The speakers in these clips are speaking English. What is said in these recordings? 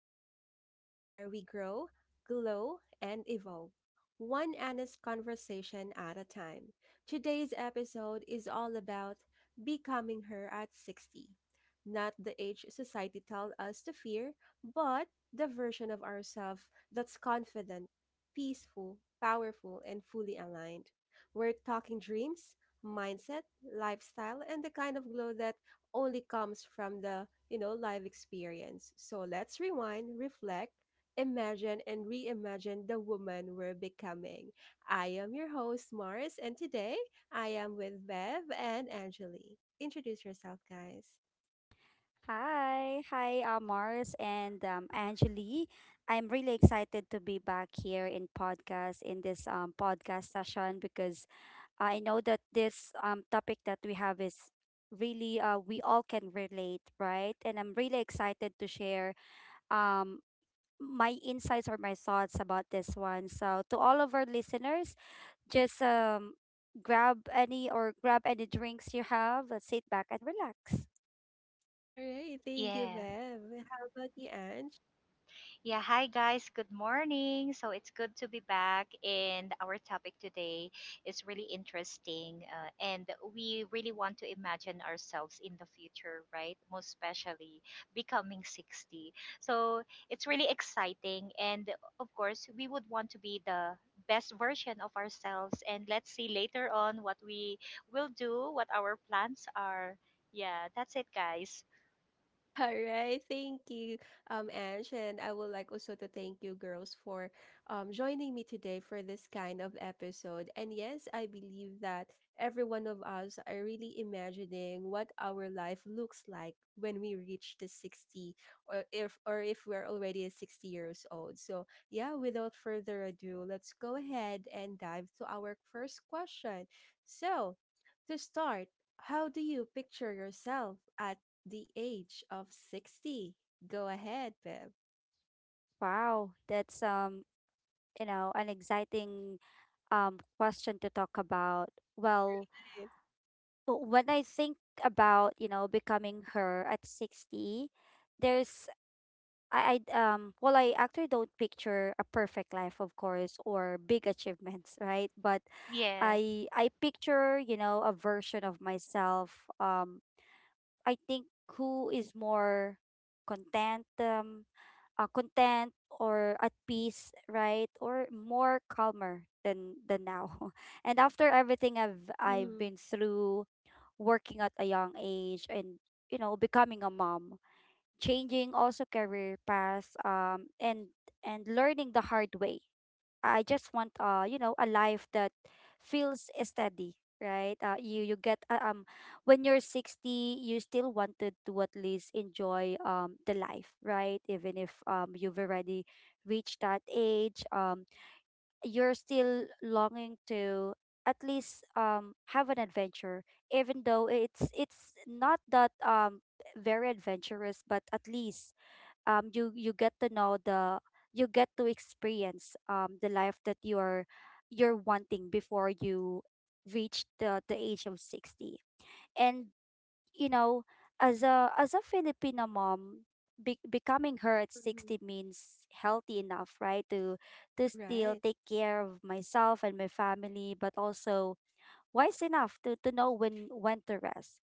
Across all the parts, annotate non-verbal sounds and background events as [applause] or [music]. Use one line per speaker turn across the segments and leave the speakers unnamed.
Glow Talk, where we grow, glow, and evolve. One honest conversation at a time. Today's episode is all about becoming her at 60. Not the age society tells us to fear, but the version of ourselves that's confident, peaceful, powerful, and fully aligned. We're talking dreams, mindset, lifestyle, and the kind of glow that only comes from the live experience. So let's rewind, reflect, imagine, and reimagine the woman we're becoming. I am your host, Mars, and today I am with Bev and Angeli. Introduce yourself, guys.
Hi, Mars and Angeli. I'm really excited to be back here in podcast in this podcast session because I know that this topic that we have is really we all can relate, right? And I'm really excited to share um, my insights or my thoughts about this one. So to all of our listeners, just grab any drinks you have, sit back and relax.
All right. Thank you,
Yeah.
Bev. How about you, Ange?
Yeah. Hi, guys. Good morning. So it's good to be back. And our topic today is really interesting. And we really want to imagine ourselves in the future, right? Most especially becoming 60. So it's really exciting. And of course, we would want to be the best version of ourselves. And let's see later on what we will do, what our plans are. Yeah. That's it, guys.
[laughs] All right, thank you, Ange, and I would like also to thank you, girls, for joining me today for this kind of episode. And yes, I believe that every one of us are really imagining what our life looks like when we reach the 60, or if we're already at 60 years old. So yeah, without further ado, let's go ahead and dive to our first question. So, to start, how do you picture yourself at the age of 60? Go ahead, Bev.
Wow, that's you know, an exciting question to talk about. Well, when I think about, you know, becoming her at 60, there's I well I actually don't picture a perfect life of course or big achievements, right? But
Yeah.
I picture, you know, a version of myself I think who is more content um content or at peace, right? Or more calmer than now. [laughs] And after everything I've
Mm-hmm.
been through, working at a young age, and you know, becoming a mom, changing also career paths, and learning the hard way, I just want a life that feels steady, right? You you get When you're 60, you still wanted to at least enjoy the life, right? Even if you've already reached that age, you're still longing to at least have an adventure even though it's not that very adventurous but at least um you you get to know the you get to experience the life that you're wanting before you reach the age of 60. And you know, as a Filipino mom, becoming her at
Hmm.
60 means healthy enough, right? To still
Right.
take care of myself and my family, but also wise enough to know when to rest.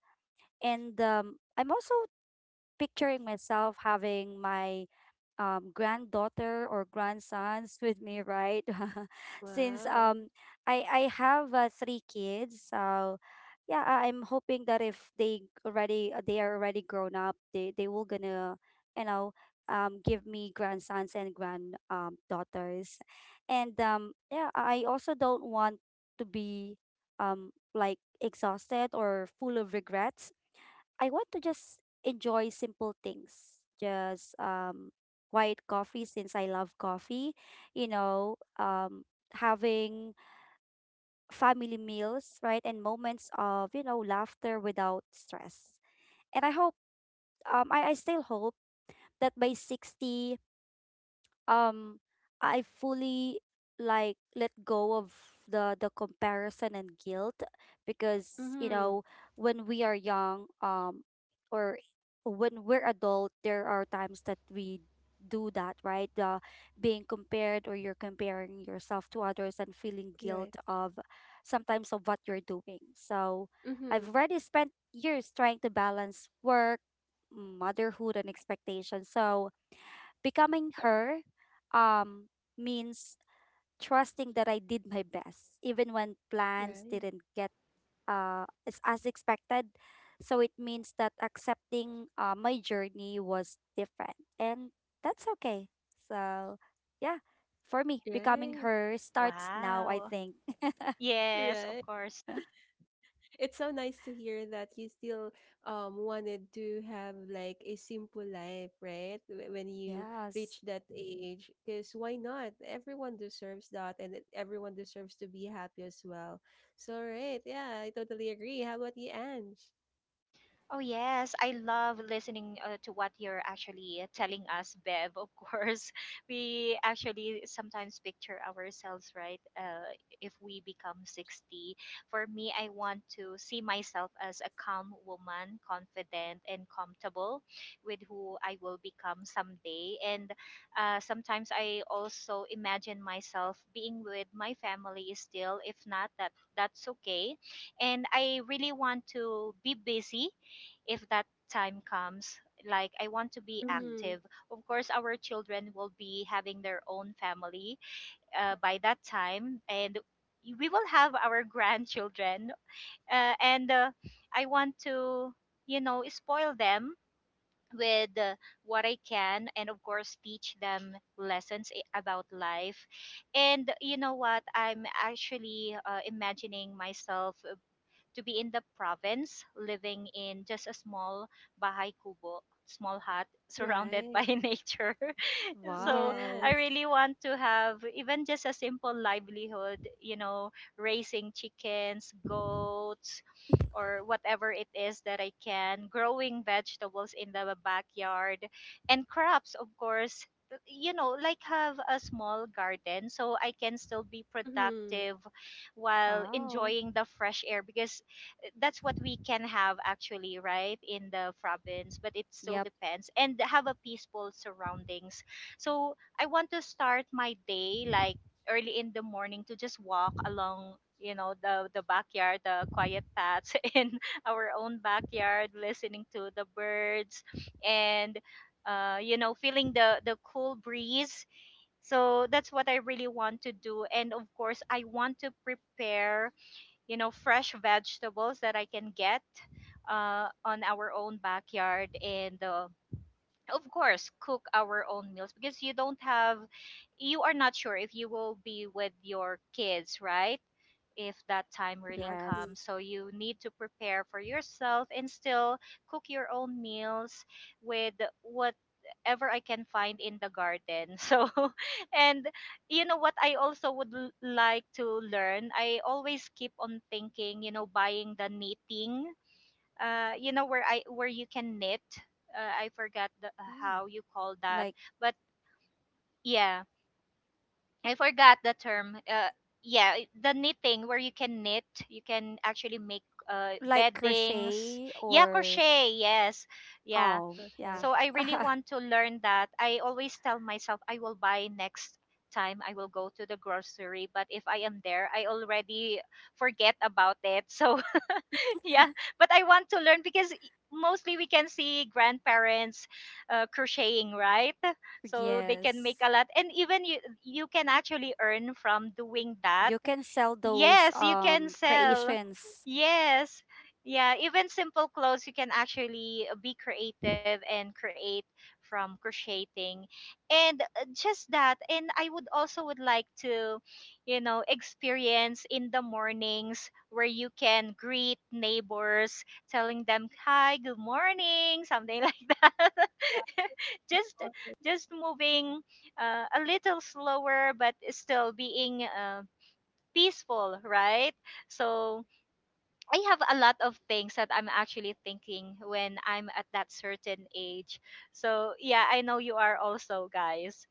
And I'm also picturing myself having my granddaughter or grandsons with me, right? [laughs] Since
Wow.
um, I have 3 kids, so yeah, I'm hoping that if they already they are already grown up, they will gonna you know give me grandsons and grand daughters, and yeah, I also don't want to be like exhausted or full of regrets. I want to just enjoy simple things. Just white coffee since I love coffee, you know, having family meals, right? And moments of, you know, laughter without stress. And I hope I still hope that by 60 um I fully like let go of the comparison and guilt. Because you
Mm-hmm.
know, when we are young or when we're adult, there are times that we do that, right? The being compared or you're comparing yourself to others, and feeling guilt
Right.
of sometimes of what you're doing. So
Mm-hmm.
I've already spent years trying to balance work, motherhood and expectations. So becoming her um, means trusting that I did my best, even when plans
Right.
didn't get as expected. So it means that accepting my journey was different, and that's okay. So, yeah, for me, becoming
Right.
her starts now, I
Wow.
think. [laughs]
Yes, of
Right.
course.
It's so nice to hear that you still wanted to have like a simple life, right? When you
Yes.
reach that age, because why not? Everyone deserves that, and everyone deserves to be happy as well. So, right, yeah, I totally agree. How about you, Ange?
Oh yes, I love listening to what you're actually telling us, Bev. Of course, [laughs] we actually sometimes picture ourselves, right? If we become 60, for me, I want to see myself as a calm woman, confident and comfortable with who I will become someday. And sometimes I also imagine myself being with my family still. If not, that's okay. And I really want to be busy if that time comes, like I want to be
Mm.
Mm-hmm.
active. Of course, our children will be having their own family by that time, and we will have our grandchildren and I want to, you know, spoil them with what I can, and of course teach them lessons about life. And you know what I'm actually imagining myself to be in the province, living in just a small bahay kubo, small hut surrounded by
Right.
[laughs] nature. [laughs] So
Wow.
I
Yes.
really want to have even just a simple livelihood, you know, raising chickens, goats,
[laughs]
or whatever it is that I can, growing vegetables in the backyard, and crops, of course. You know, like have a small garden so I can still be
Mm-hmm.
productive while
Wow.
enjoying the fresh air, because that's what we can have actually, right, in the province, but it still
Yep.
depends, and have a peaceful surroundings. So I want to start my day like early in the morning to just walk along, you know, the backyard, the quiet paths [laughs] in our own backyard, listening to the birds, and you know, feeling the cool breeze. So that's what I really want to do. And of course, I want to prepare, you know, fresh vegetables that I can get on our own backyard, and of course cook our own meals, because you don't have, you are not sure if you will be with your kids, right, if that time really
Yes.
Exactly.
comes. So you need to prepare for yourself and still cook your own meals with whatever I can find in the garden. [laughs] So, and you know what I also would like to learn? I always keep on thinking, you know, buying the knitting, you know, where I where you can knit. I forgot the,
Mm.
how you call that,
Like
but yeah, I forgot the term. Yeah, the knitting where you can knit, you can actually make
like
beddings.
crochet
Yeah,
or…
crochet. Yes, yeah.
Oh, yeah.
Perfect.
So I really
Okay.
[laughs]
want to learn that. I always tell myself I will buy next time I will go to the grocery, but if I am there, I already forget about it. [laughs] So [laughs] yeah, but I want to learn because mostly we can see grandparents crocheting, right? So they can
Yes.
make a lot, and even you, you can actually earn from doing that.
You can sell those
Yes, you can sell.
creations.
Yes. Yeah, even simple clothes, you can actually be creative and create from crocheting. And just that. And I would also would like to, you know, experience in the mornings where you can greet neighbors, telling them, "Hi, good morning," something [laughs] like that.
Yeah.
Just
All
just moving a little slower, but still being peaceful, right? So I have a lot of things that I'm actually thinking when I'm at that certain age. So yeah, I know you are also, guys.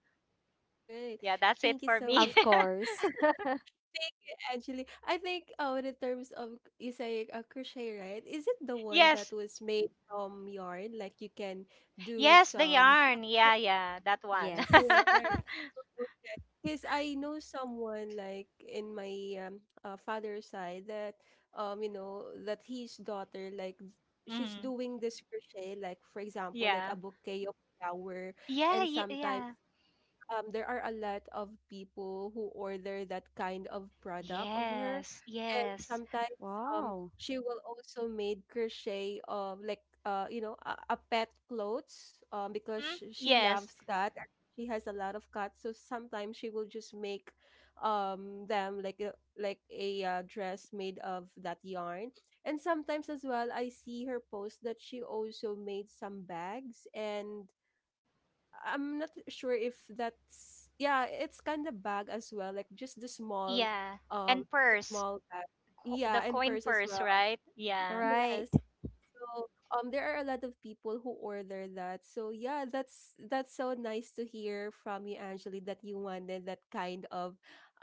right.
Yeah, that's it
Thank you
for
so
me.
much.
Of course. [laughs]
Thank you, Angeli. I think in terms of you say a crochet, right? Is it the
[laughs]
one that
Yes,
was made from yarn? Like you can do
yes, the
some
yarn.
flower
Yeah, yeah, that one.
Yes.
yarn.
[laughs]
Okay. Because I know someone like in my father's side that that his daughter like she's
Hmm.
doing this crochet, like for example, like
Yeah,
a bouquet of flower,
yeah,
and sometimes
yeah.
there are a lot of people who order that kind of product of her,
Yes,
and
yes.
sometimes
Wow.
she will also made crochet of like a pet clothes, because
Mm-hmm.
she
Yes,
loves cat. And she has a lot of cats, so sometimes she will just make them like a dress made of that yarn. And sometimes as well, I see her post that she also made some bags, and I'm not sure if that's, yeah, it's kind of bag as well, like just the small,
yeah.
um,
And
the
purse,
small bag.
the
Yeah, and
coin
purse as
purse,
well.
right? Yeah.
Right,
Yes, so there are a lot of people who order that. So yeah, that's so nice to hear from you, Angeli, that you wanted that kind of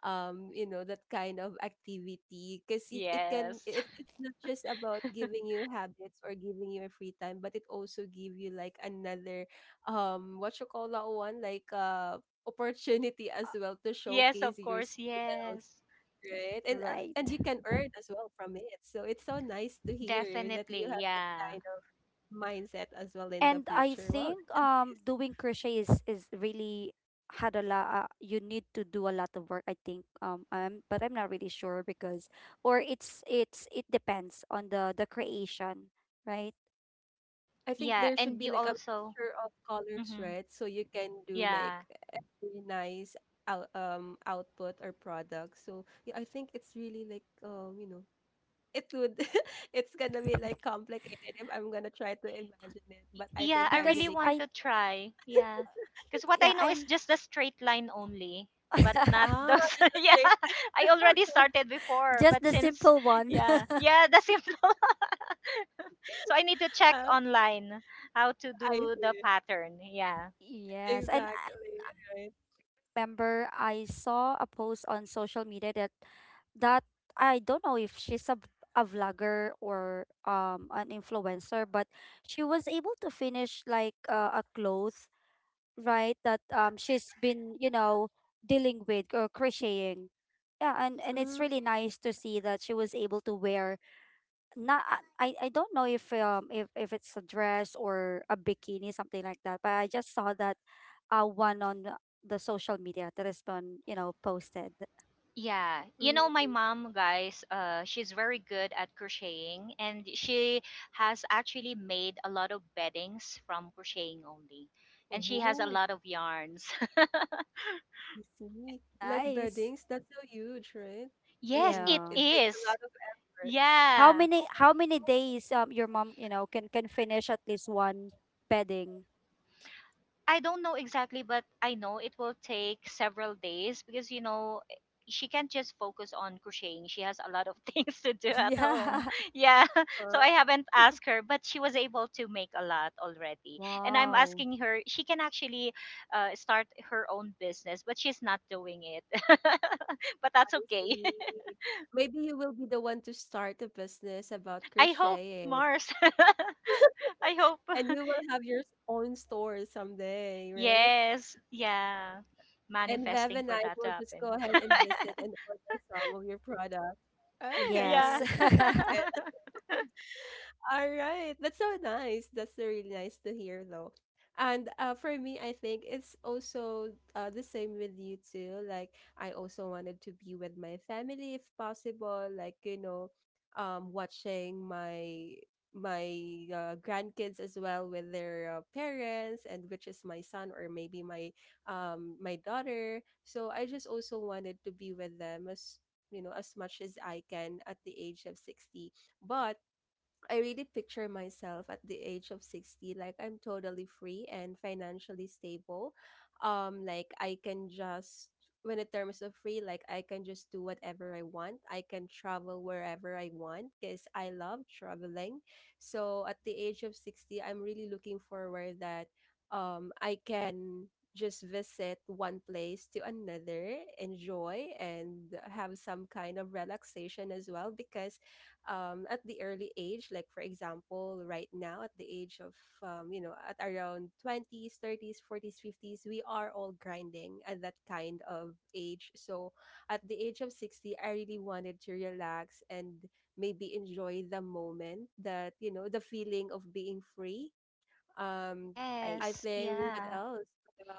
you know, that kind of activity. Because it, it can
Yes. [laughs]
it, it's not just about giving you habits or giving you a free time, but it also give you like another what you call that one, like opportunity as well to
Yes,
showcase
of
your
course.
skills.
Yes.
Right. And
right.
you can earn as well from it. So it's so nice to hear that you
Definitely,
have that
yeah.
kind of mindset as well in the
And I
future. Wow,
think
that's nice.
doing crochet is really had a lot. You need to do a lot of work. I think but I'm not really sure because or it's it depends on the creation, right?
I think
Yeah,
there should
and
be
you
like a
also,
mixture of colors,
hmm,
right? So you can do
yeah.
like a very nice output or product. So yeah, I think it's really like, it would [laughs] it's gonna be like
[laughs]
complicated if I'm gonna try to imagine it. But I
Yeah,
think
I really
Because
Angelica,
want
I,
to try. Yeah. Because what I
yeah,
know is
and
just the straight line only, but not
[laughs]
those.
there's
[laughs]
a
Yeah,
trait.
I already started before,
just
but
the
since,
simple one.
yeah,
[laughs]
yeah, the simple. [laughs] So I need to check
Uh,
online how to
[laughs] I
do the
see.
pattern. Yeah.
Yes, and
Exactly. Right.
member I saw a post on social media that that I don't know if she's a vlogger or an influencer, but she was able to finish like a cloth, right? That she's been you know dealing with or crocheting. Yeah, and it's
Mm,
really nice to see that she was able to wear… not, I, I don't know if if it's a dress or a bikini, something like that, but I just saw that one on the social media that has been you know posted.
Yeah, you know my
mm.
mom, guys. She's very good at crocheting, and she has actually made a lot of beddings from crocheting only, and she has a
Oh,
lot of yarns.
I see. Like
Nice.
beddings, that's so huge, right?
[laughs] Yes,
And
it
Yeah,
it takes a
is.
lot of effort.
how
Yeah.
many how many days your mom you know can finish at least one bedding?
I don't know exactly, but I know it will take several days because, you know, eh, she can't just focus on crocheting. She has a lot of [laughs] things to do
[laughs]
at home.
Yeah.
[laughs] Yeah. [laughs] So
Oh,
I haven't asked her, but she was able to make a lot already. And I'm
Wow.
asking her, she can actually start her own business, but she's not doing it. [laughs] But that's
I
okay.
see.
[laughs]
Maybe you will be the one to start a business about
I hope
crocheting,
Mars. [laughs] I hope.
and you will have your own store someday, right?
Yes. Yeah.
And Vev
Manifesting
and
for
I
that to
will just go
happen.
ahead and visit
[laughs]
and order some of your product. Okay,
Yeah.
Yes.
I'm so
[laughs]
excited.
[laughs]
Alright, that's so nice. That's so really nice to hear, though. And for me, I think it's also the same with you too. Like I also wanted to be with my family if possible. Like, watching my grandkids as well with their parents, and which is my son or maybe my daughter. So I just also wanted to be with them as you know as much as I can at the age of 60. But I really picture myself at the age of 60 like I'm totally free and financially stable. Like I can just when in terms of free, like I can just do whatever I want. I can travel wherever I want because I love traveling. So at the age of 60, I'm really looking forward that I can just visit one place to another, enjoy and have some kind of relaxation as well, because at the early age. Like, for example, right now, at the age of, you know, at around 20s, 30s, 40s, 50s, we are all grinding at that kind of age. So, at the age of 60, I really wanted to relax and maybe enjoy the moment that the feeling of being free um, I
Right,
Yes.
think, what
Yeah.
else?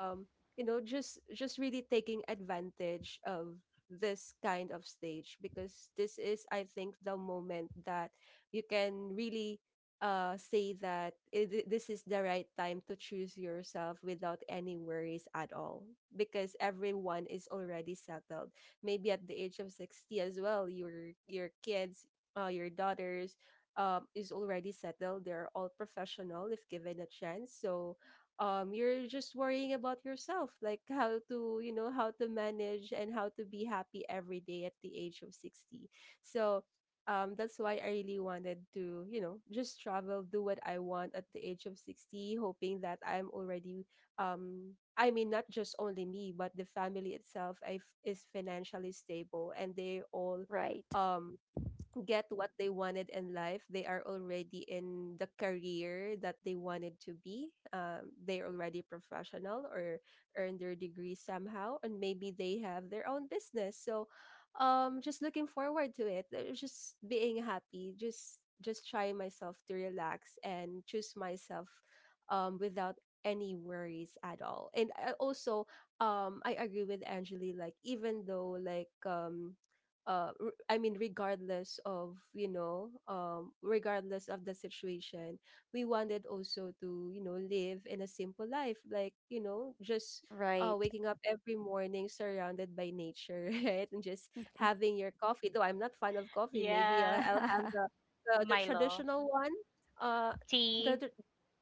Um, just really taking advantage of this kind of stage because this is, I think, the moment that you can really say that this is the right time to choose yourself without any worries at all, because everyone is already settled maybe at the age of 60. As well, your kids, your daughters, is already settled. They're all professional if given a chance. So you're just worrying about yourself, like how to manage and how to be happy every day at the age of 60. So that's why I really wanted to just travel, do what I want at the age of 60, hoping that I'm already, I mean, not just only me, but the family itself is financially stable and they all
right,
um get what they wanted in life. They are already in the career that they wanted to be. They're already professional or earned their degree somehow, and maybe they have their own business. So, just looking forward to it. Just being happy. Just try myself to relax and choose myself, without any worries at all. And I agree with Angeli. Like even though like I mean, regardless of the situation, we wanted also to live in a simple life, like just
right.
waking up every morning surrounded by nature [laughs] right, and just having your coffee, though I'm not fan of coffee, maybe i'll,
Yeah.
I'll have
[laughs]
the
Milo.
traditional one, uh the,
Tea.
the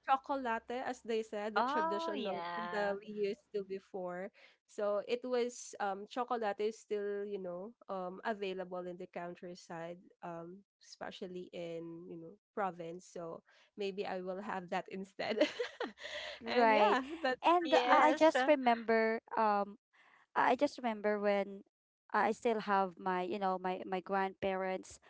chocolate, as they said, the
Oh,
traditional
yeah.
that we used to before. So it was chocolate is still, available in the countryside, especially in province. So maybe I will have that instead. [laughs] And
Right.
yeah, that's
[laughs]
And
that's
I
just
Yes.
just remember when I still have my, you know, my grandparents.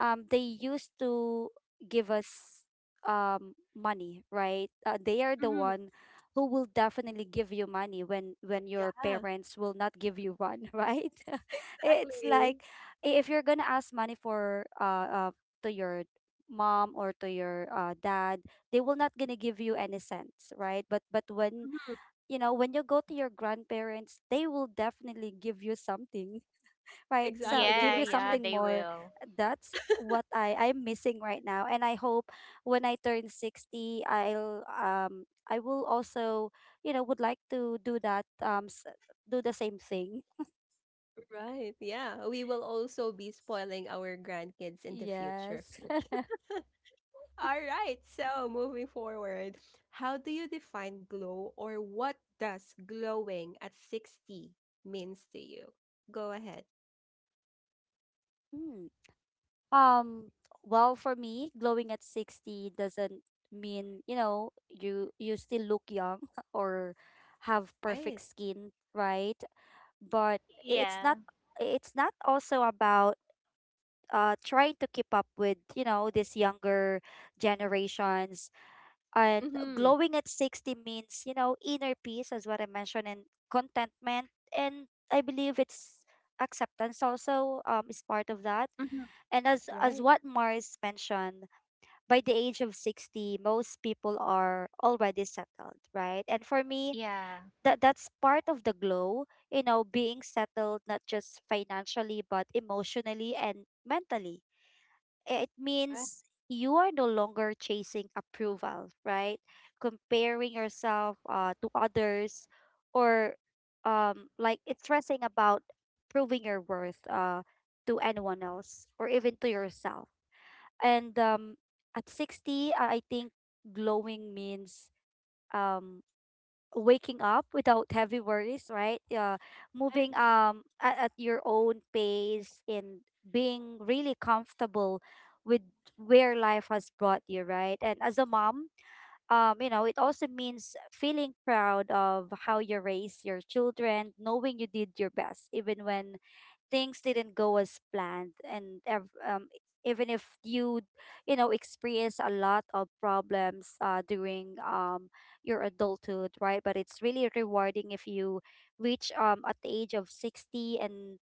They used to give us money, right? They are the
mhm,
one who will definitely give you money when your
yeah,
parents will not give you one, [laughs] right? [laughs] It's
exactly.
like, if you're gonna ask money for to your mom or to your dad, they will not gonna give you any cents, right? But when
Mhm.
you know when you go to your grandparents, they will definitely give you something, [laughs] right?
Exactly.
So
They
give
will
Yeah,
you
actually
yeah,
something
they
more.
will.
That's what I'm missing right now. And I hope when I turn 60, I will also you know would like to do that do the same thing.
right. Yeah. We will also be spoiling our grandkids in the future.
Yes. [laughs]
All right. So, moving forward, how do you define glow, or what does glowing at 60 means to you? Go ahead.
Mm. Um, well, for me, glowing at 60 doesn't mean, you know, you still look young [laughs] or have perfect
Right.
skin, right? But it's not,
Yeah.
it's not also about trying to keep up with you know these younger generations. And
Mhm.
glowing at 60 means you know inner peace, as what I mentioned, and contentment. And I believe it's acceptance also, is part of that.
Mhm.
And as
Right.
what Mars mentioned, by the age of 60, most people are already settled, right? And for me,
Yeah.
that's part of the glow, you know, being settled not just financially but emotionally and mentally. It
Right.
means you are no longer chasing approval, right? Comparing yourself to others, or like it's stressing about proving your worth to anyone else or even to yourself. And at 60, I think glowing means um waking up without heavy worries, right? Moving at your own pace and being really comfortable with where life has brought you, right? And as a mom, you know, it also means feeling proud of how you raise your children, knowing you did your best, even when things didn't go as planned. And even if you you know experience a lot of problems during your adulthood, right? But it's really rewarding if you reach at the age of 60, and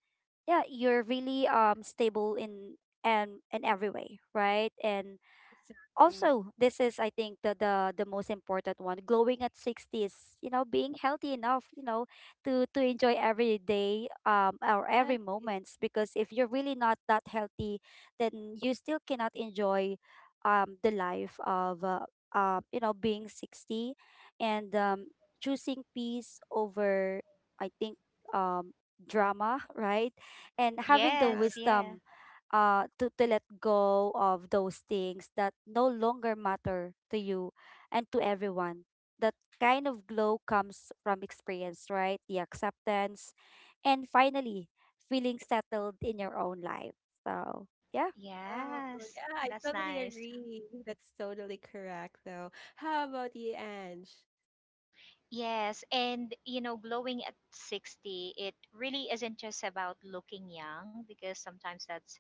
yeah, you're really stable in and in every way, right? And
Exactly.
also, this is I think the most important one: glowing at 60s, you know, being healthy enough you know to enjoy every day or every
Right.
moments. Because if you're really not that healthy, then you still cannot enjoy the life of you know, being 60. And choosing peace over I think um drama, [laughs] right? And having the
Yeah.
Yes, yeah.
wisdom to let go of those things that no longer matter to you and to everyone. That kind of glow comes from experience, right? The acceptance and finally feeling settled in your own life. So yeah.
Oh,
Yes.
yeah, I
That's
totally
nice.
agree. That's totally correct though. How about you, Ange?
Yes, and you know, glowing at 60, it really isn't just about looking young, because sometimes that's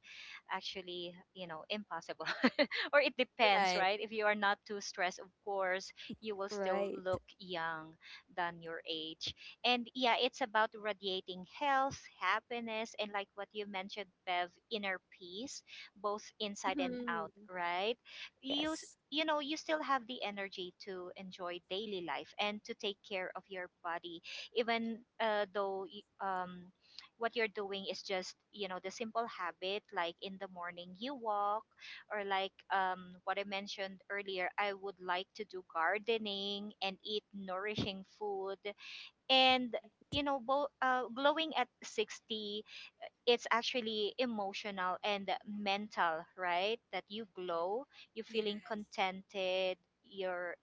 actually, you know, impossible. [laughs] Or it depends,
Right.
right? If you are not too stressed, of course, you will still
Right.
look young than your age. And yeah, it's about radiating health, happiness, and like what you mentioned, Bev, inner peace, both inside and
Mhm.
out, right? You s-
Yes,
you know, you still have the energy to enjoy daily life and to take care of your body, even though what you're doing is just, you know, the simple habit, like in the morning you walk, or like what I mentioned earlier, I would like to do gardening and eat nourishing food. And you know, glowing at 60, it's actually emotional and mental, right? That you glow, you're
Yes.
feeling contented, you're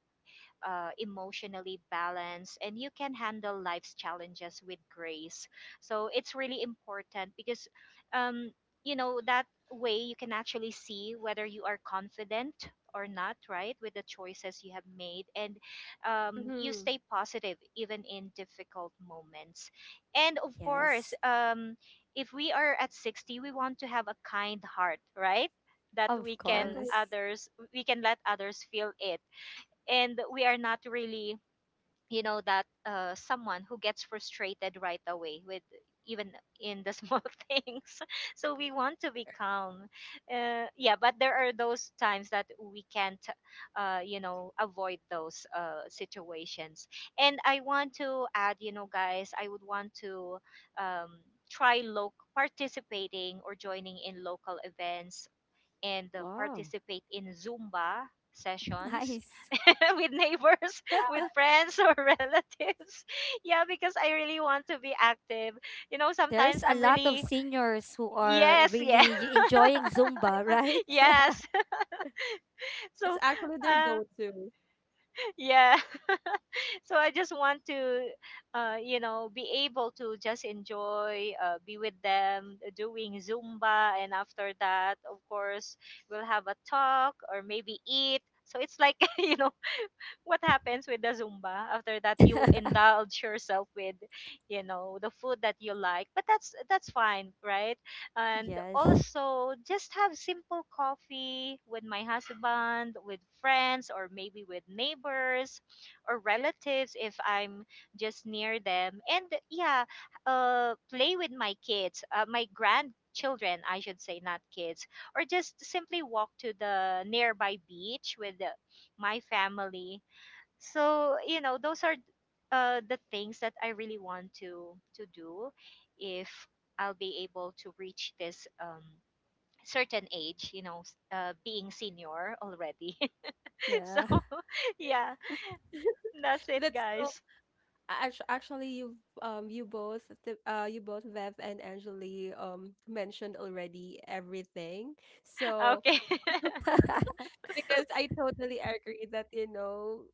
emotionally balanced, and you can handle life's challenges with grace. So it's really important because, um, you know, that way you can actually see whether you are confident or not, right, with the choices you have made, and you
Mhm.
stay positive even in difficult moments. And of course,
yes.
if we are at 60, we want to have a kind heart, right? That
Of
we can
Exactly.
course.
others we can let others feel it, and we are not really, you know, that someone who gets frustrated right away with even in the small [laughs] things. So we want to be calm. Yeah, but there are those times that we can't, you know, avoid those situations. And I want to add, you know, guys, I would want to um, try loc participating or joining in local events, and
Wow.
participate in Zumba
[laughs]
sessions
Nice.
[laughs] with neighbors, [laughs] with
[laughs]
friends, or [laughs] relatives. [laughs] Yeah, because I really want to be active. You know, sometimes
There's a
I'm
lot of
really,
seniors who are
yes, yeah.
really enjoying
Exactly.
zumba, right?
[laughs] Yes. [laughs] So,
That's actually their
uh,
go-to.
yeah. [laughs] So I just want to,
[laughs]
you know, be able to just enjoy, uh, be with them, doing Zumba, and after that, of course, we'll have a talk or maybe eat. So it's like, [laughs] you know, what happens with the Zumba. After that, you'll
[laughs]
indulge yourself with, you know, the food that you like. But that's fine, right? And
Yes.
also, just have simple coffee with my husband, with friends, or maybe with neighbors or relatives if I'm just near them. And yeah, play with my kids, my grandchildren, I should say, not kids, or just simply walk to the nearby beach with the, my family. So you know, those are the things that I really want to do if I'll be able to reach this certain age, you know, being senior already. [laughs] So
Yeah.
[laughs]
It.
yeah, that's it,
That's so
guys.
actually you both Vev and Angeli mentioned already everything. So
Okay. [laughs]
[laughs]
because I totally agree that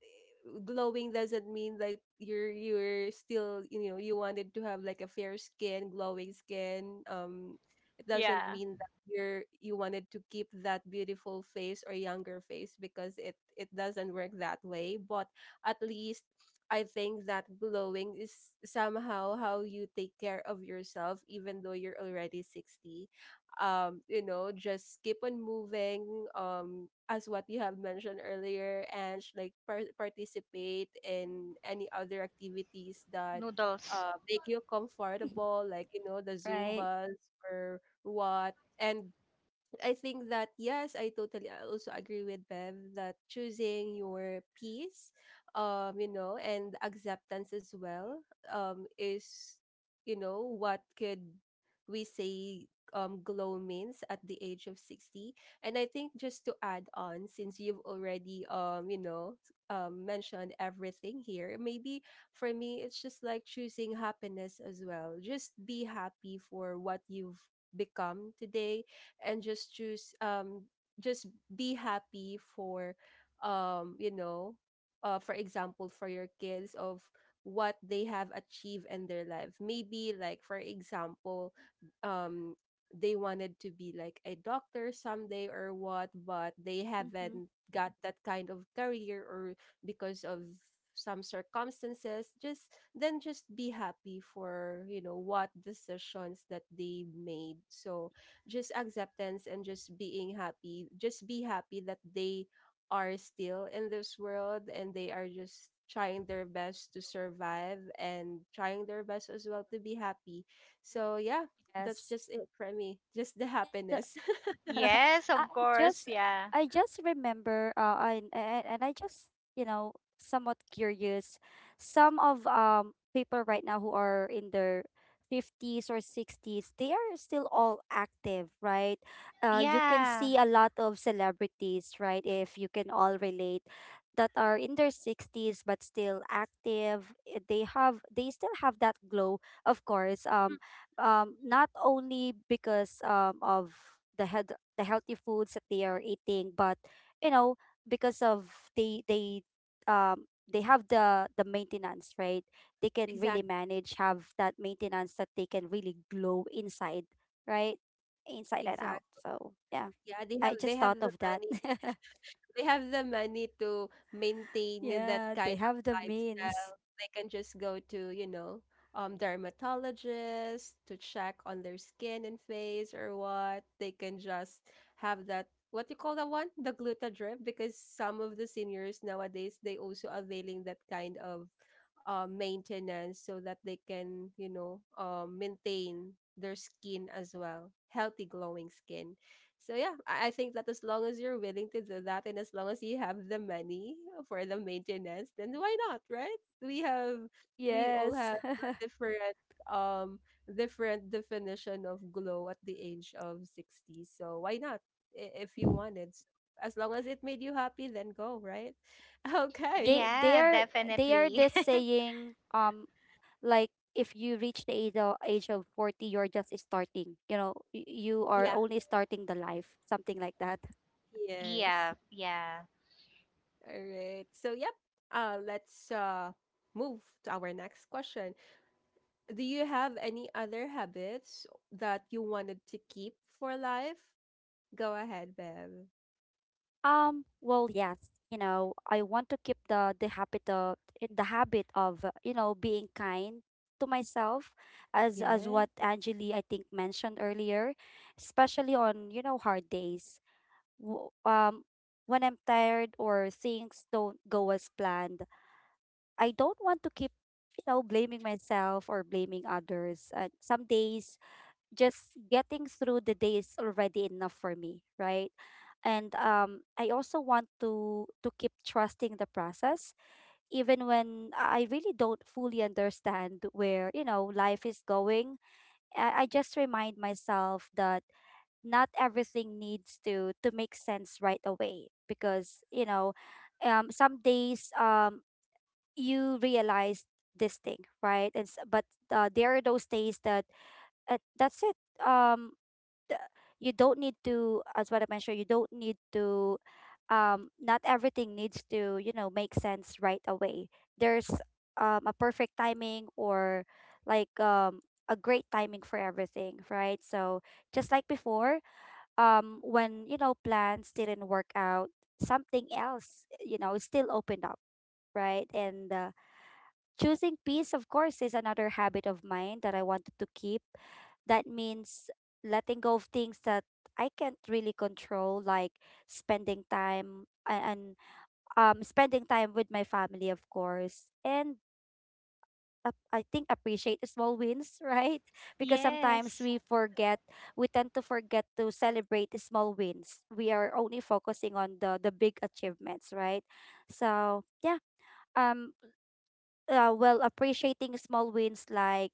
glowing doesn't mean that you're still you wanted to have like a fair skin, glowing skin. It doesn't
Yeah.
mean that you wanted to keep that beautiful face or younger face, because it doesn't work that way. But at least I think that glowing is somehow how you take care of yourself even though you're already 60. Just keep on moving as what you have mentioned earlier, and like participate in any other activities that
Noodles.
make you comfortable, like the
Right.
zumbas or what. And I think that, yes, I also agree with Bev that choosing your peace, and acceptance as well, is what could we say glow means at the age of 60. And I think just to add on, since you've already mentioned everything here, maybe for me it's just like choosing happiness as well. Just be happy for what you've become today and just choose just be happy for um you know for example for your kids of what they have achieved in their life, maybe like for example um they wanted to be like a doctor someday or what, but they
Mm-hmm.
haven't got that kind of career or because of some circumstances. Just be happy for, you know, what decisions that they made. So just acceptance and just being happy, just be happy that they are still in this world and they are just trying their best to survive and trying their best as well to be happy. So yeah, that's
Yes.
just it for me. [laughs] Just the happiness. [laughs]
[laughs]
Yes,
I
of course.
just
Yeah.
and I just you know somewhat curious. Some of people right now who are in their 50s or 60s, they are still all active, right? Uh, you can
Yeah.
see a lot of celebrities, right, if you can all relate, that are in their 60s but still active. Eh, they have, they still have that glow, of course.
Mm,
Um, not only because of the head the healthy foods that they are eating but you know because of they have the maintenance, right? They can really
exact
manage, have that maintenance, that they can really glow inside, right? Inside and out.
exact
So yeah,
yeah, they
I
have
just
they have
thought
the
of that. [laughs]
money. They have the money to maintain that
Yeah, they
kind of
have the
lifestyle.
means.
They can just go to, you know, dermatologist to check on their skin and face or what. They can just have that, what you call that one? The gluta drip, because some of the seniors nowadays they also availing that kind of maintenance, so that they can, you know, maintain their skin as well. Healthy glowing skin. So yeah, I think that as long as you're willing to do that and as long as you have the money for the maintenance, then why not, right? We have we all
Yes.
have a different um different definition of glow at the age of 60. So why not, if you
[laughs]
wanted? So as long as it made you happy, then go, right? [laughs] Okay.
They
Yeah,
they are
definitely.
just
[laughs]
saying like if you reach the age of 40, you're just starting, you know, you are
Yeah.
only starting the life, something like that.
Yes.
Yeah. Yeah.
All right. So yep. Let's move to our next question. Do you have any other habits that you wanted to keep for life? Go ahead, Bev.
Um, well, yes, you know, I want to keep the habit of you know being kind to myself, as
Yeah,
what Angeli I think mentioned earlier, especially on you know hard days. W- um when I'm tired or things don't go as planned, I don't want to keep, you know, blaming myself or blaming others. Some days, just getting through the day is already enough for me, right? And I also want to keep trusting the process, even when I really don't fully understand where life is going. I just remind myself that not everything needs to make sense right away, because some days, you realize this thing, right? But there are those days that that's it. Um, th- you don't need to, as what I mentioned, you don't need to. Not everything needs to, make sense right away. There's a perfect timing, or like a great timing for everything, right? So, just like before, when plans didn't work out, something else, still opened up, right? And Choosing peace, of course, is another habit of mine that I wanted to keep. That means letting go of things that I can't really control, like spending time a- and spending time with my family, of course, and I think appreciate the small wins, right? [laughs] Because
right,
sometimes
Yes.
we forget, we tend to forget to celebrate the small wins. We are only focusing on the big achievements, right? So, yeah, um, well, appreciating small wins, like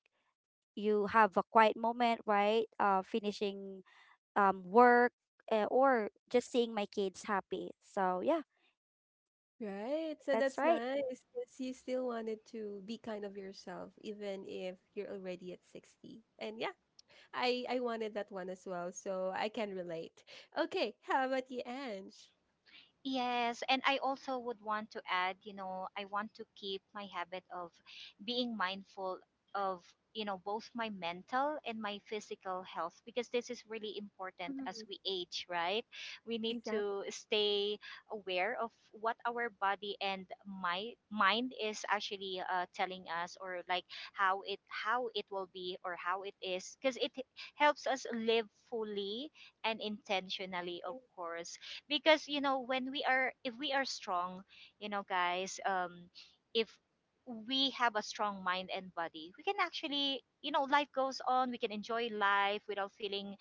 you have a quiet moment, right? Finishing work, or just seeing my kids happy. So, yeah,
right. So
that's
that's
right.
nice, because you still wanted to be kind of yourself, even if you're already at 60. And yeah, I wanted that one as well, so I can relate. Okay, how about you, Ange?
Yes, and I also would want to add, you know, I want to keep my habit of being mindful of, you know, both my mental and my physical health, because this is really important as
Mhm,
we age, right? We need to
exactly.
stay aware of what our body and my mind is actually telling us, or like how it will be or how it is, because it helps us live fully and intentionally, of course, because when we are if we are strong, guys, if we have a strong mind and body, we can actually, you know, life goes on, we can enjoy life without feeling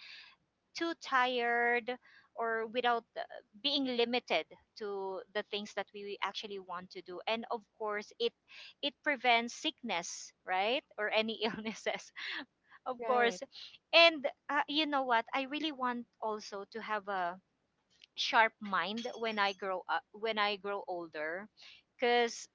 too tired or without being limited to the things that we actually want to do. And of course, it prevents sickness, right, or any [laughs] illnesses, of
Yeah,
course.
right.
And you know what, I really want also to have a sharp mind when I grow older, because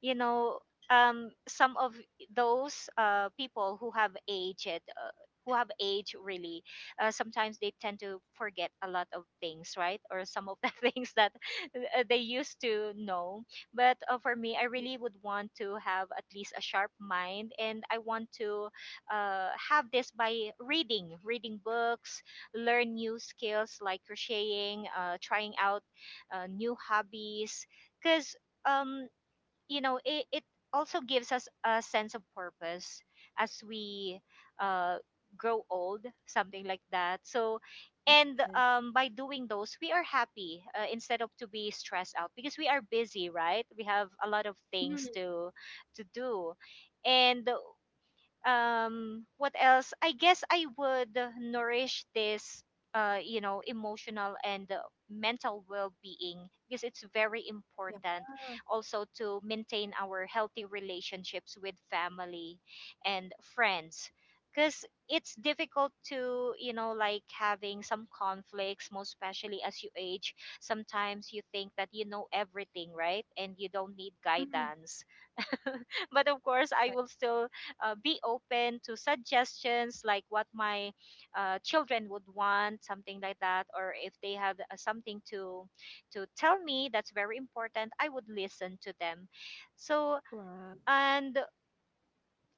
you know, some of those people who have aged who have age really, sometimes they tend to forget a lot of things, right, or some of the [laughs] things that they used to know. But for me, I really would want to have at least a sharp mind, and I want to have this by reading books, learn new skills like crocheting, trying out new hobbies, because um you know, it also gives us a sense of purpose as we uh, grow old, something like that. So
Mm.
and
Yes.
by doing those, we are happy, instead of to be stressed out because we are busy, right, we have a lot of things
Mhm.
to do. And what else, I guess I would nourish this you know emotional and mental well-being, because it's very
Yeah.
important also to maintain our healthy relationships with family and friends, because it's difficult to, you know, like having some conflicts, most especially as you age. Sometimes you think that you know everything, right, and you don't need
Mhm.
guidance. But of course I
Right.
will still be open to suggestions, like what my children would want, something like that, or if they have something to tell me, that's very important, I would listen to them. So
Wow.
and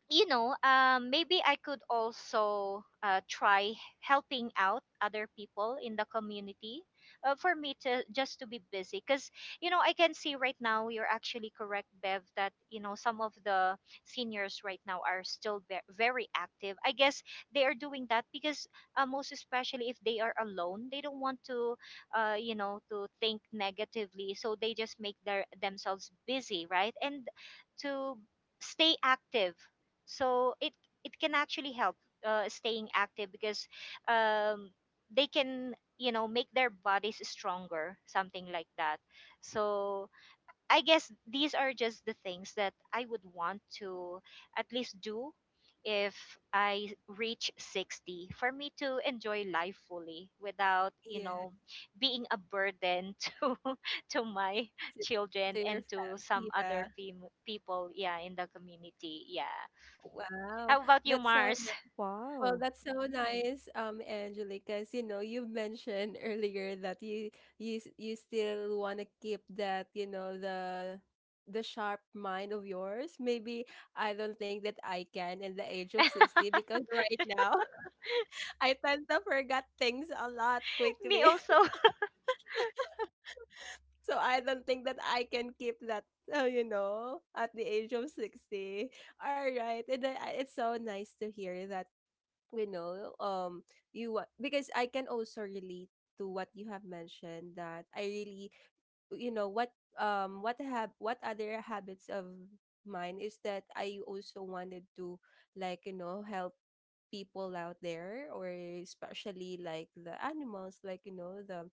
you know, maybe I could also try helping out other people in the community, for me to just to be busy. Because, you know, I can see right now, you're actually correct, Bev, that, you know, some of the seniors right now are still very active. I guess they are doing that because, most especially if they are alone, they don't want to, you know, to think negatively. So they just make their themselves busy, right? And to stay active, so it can actually help, staying active, because um, they can, you know, make their bodies stronger, something like that. So I guess these are just the things that I would want to at least do if I reach 60, for me to enjoy life fully without, you
Yeah.
know, being a burden [laughs] to my
to to
children
your
and
fam.
to some
Yeah.
other people, yeah, in the community, yeah.
Wow.
How about you,
That's so
Mars?
nice. Well,
Wow.
that's so nice, Angelica, because you know you mentioned earlier that you still want to keep that, you know, the sharp mind of yours. Maybe I don't think that I can in the age of 60,
[laughs]
because right now [laughs] I tend to forget things a lot
Me
quickly.
also. [laughs]
So I don't think that I can keep that, you know, at the age of 60. All right. And then, it's so nice to hear that, you know, you what because I can also relate to what you have mentioned, that I really, you know what, what have what other habits of mine is that I also wanted to, like, you know, help people out there, or especially like the animals, like, you know, the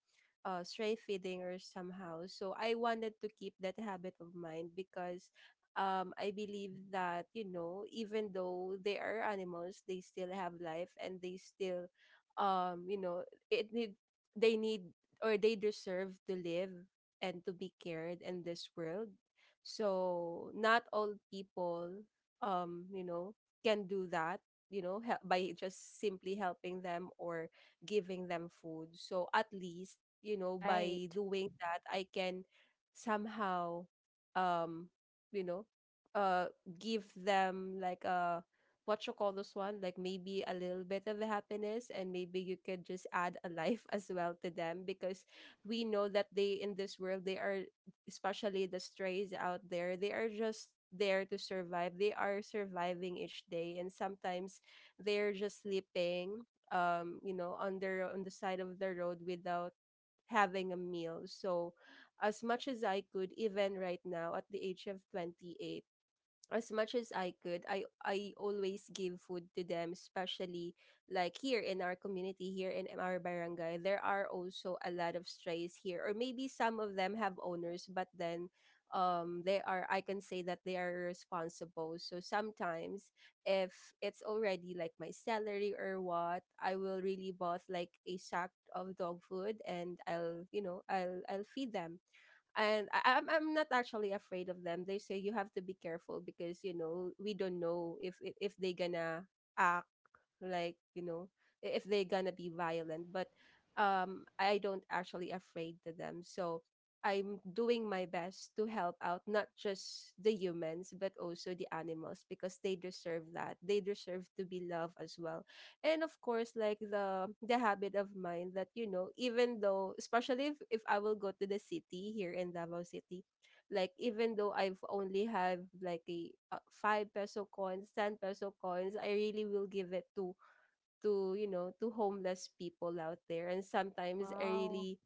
stray feeding or somehow. So I wanted to keep that habit of mine, because I believe that, you know, even though they are animals, they still have life and they still, you know it need they need, or they deserve to live and to be cared in this world. So not all people, you know, can do that. You know, help by just simply helping them or giving them food. So at least, you know,
Right.
by doing that, I can somehow, um, you know, uh, give them like a, what you call this one, like maybe a little bit of happiness, and maybe you could just add a life [laughs] as well to them, because we know that they in this world they are, especially the strays out there, they are just there to survive. They are surviving each day, and sometimes they're just sleeping, on their, on the side of the road, without having a meal. So as much as I could, even right now at the age of 28, as much as I could, I always give food to them, especially like here in our community, here in our barangay. There are also a lot of strays here, or maybe some of them have owners, but then they are, I can say that they are responsible. So sometimes, if it's already like my salary or what, I will really bought like a sack of dog food, and I'll, you know, I'll feed them. And I'm not actually afraid of them. They say you have to be careful, because you know we don't know if they gonna act, like, you know, if they gonna be violent. But I don't actually afraid to them. So I'm doing my best to help out not just the humans but also the animals, because they deserve that. They deserve to be loved as well. And of course, like the habit of mine that, you know, even though, especially if I will go to the city, here in Davao City, like even though I've only have like a 5 peso coins, 10 peso coins, I really will give it to, you know, to homeless people out there. And sometimes I
Wow.
really,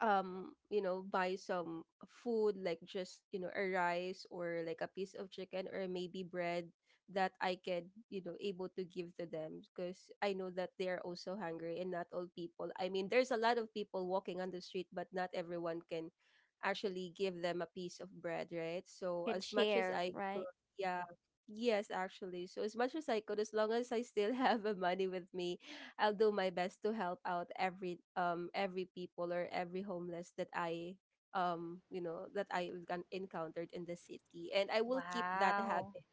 buy some food, like just, you know, a rice or like a piece of chicken or maybe bread that I can, you know, able to give to them, because I know that they are also hungry. And not all people, I mean, there's a lot of people walking on the street, but not everyone can actually give them a piece of bread, right? So
Can
as much as
share,
I could.
right?
Yeah. Yes, actually, so as much as I could, as long as I still [laughs] have the money with me, [laughs] I'll do my best to help out every people or every homeless that I, you know that I encountered in the city. And I will keep that
Wow.
habit,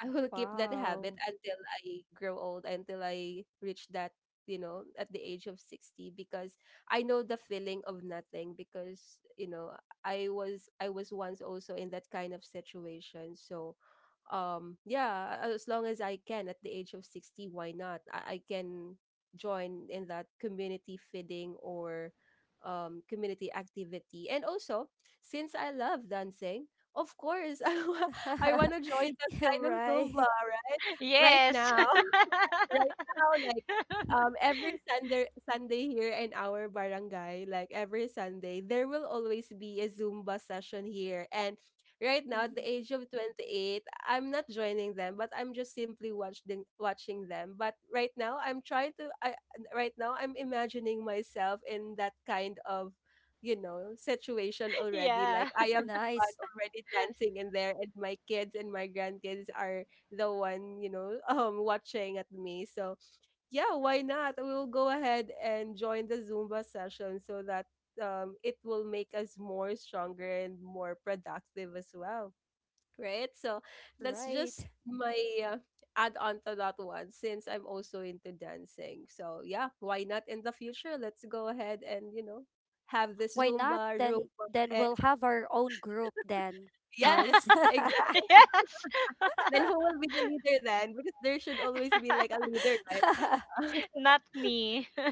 I will keep that habit
Wow.
until I grow old, until I reach that, you know, at the age of 60, because I know the feeling of nothing, because, you know, I was once also in that kind of situation. So, yeah, as long as I can at the age of 60, why not? I can join in that community feeding or community activity. And also, since I love dancing, of course, [laughs] I want
[laughs]
to join
Yeah,
kind of Zumba,
right.
right? Right
Yes.
now, [laughs] right now, like,
[laughs]
every Sunday, Sunday here in our barangay, like every Sunday, there will always be a Zumba session here. And right now, at the
Mhm.
age of 28, I'm not joining them, but I'm just simply watching them. But right now, I'm trying to. I Right now, I'm imagining myself in that kind of, you know, situation already, like
Yeah.
I am the one
Nice.
already dancing in there, and my kids and my grandkids are the one, you know, [laughs] watching at me. So yeah, why not? We'll go ahead and join the Zumba session, so that it will make us more stronger and more productive as well, right? So that's just
Right.
my uh, add on to that one, since I'm also into dancing. So yeah, why not in the future? Let's go ahead and, you know, have this
Why not?
Zumba
Then
Roomba.
then
And
we'll have our own group then,
[laughs]
Mars.
yes,
[laughs]
[laughs]
exactly.
Yes. [laughs]
Then who will be the leader then, because there should always be like a leader, right? [laughs]
Not me. [laughs]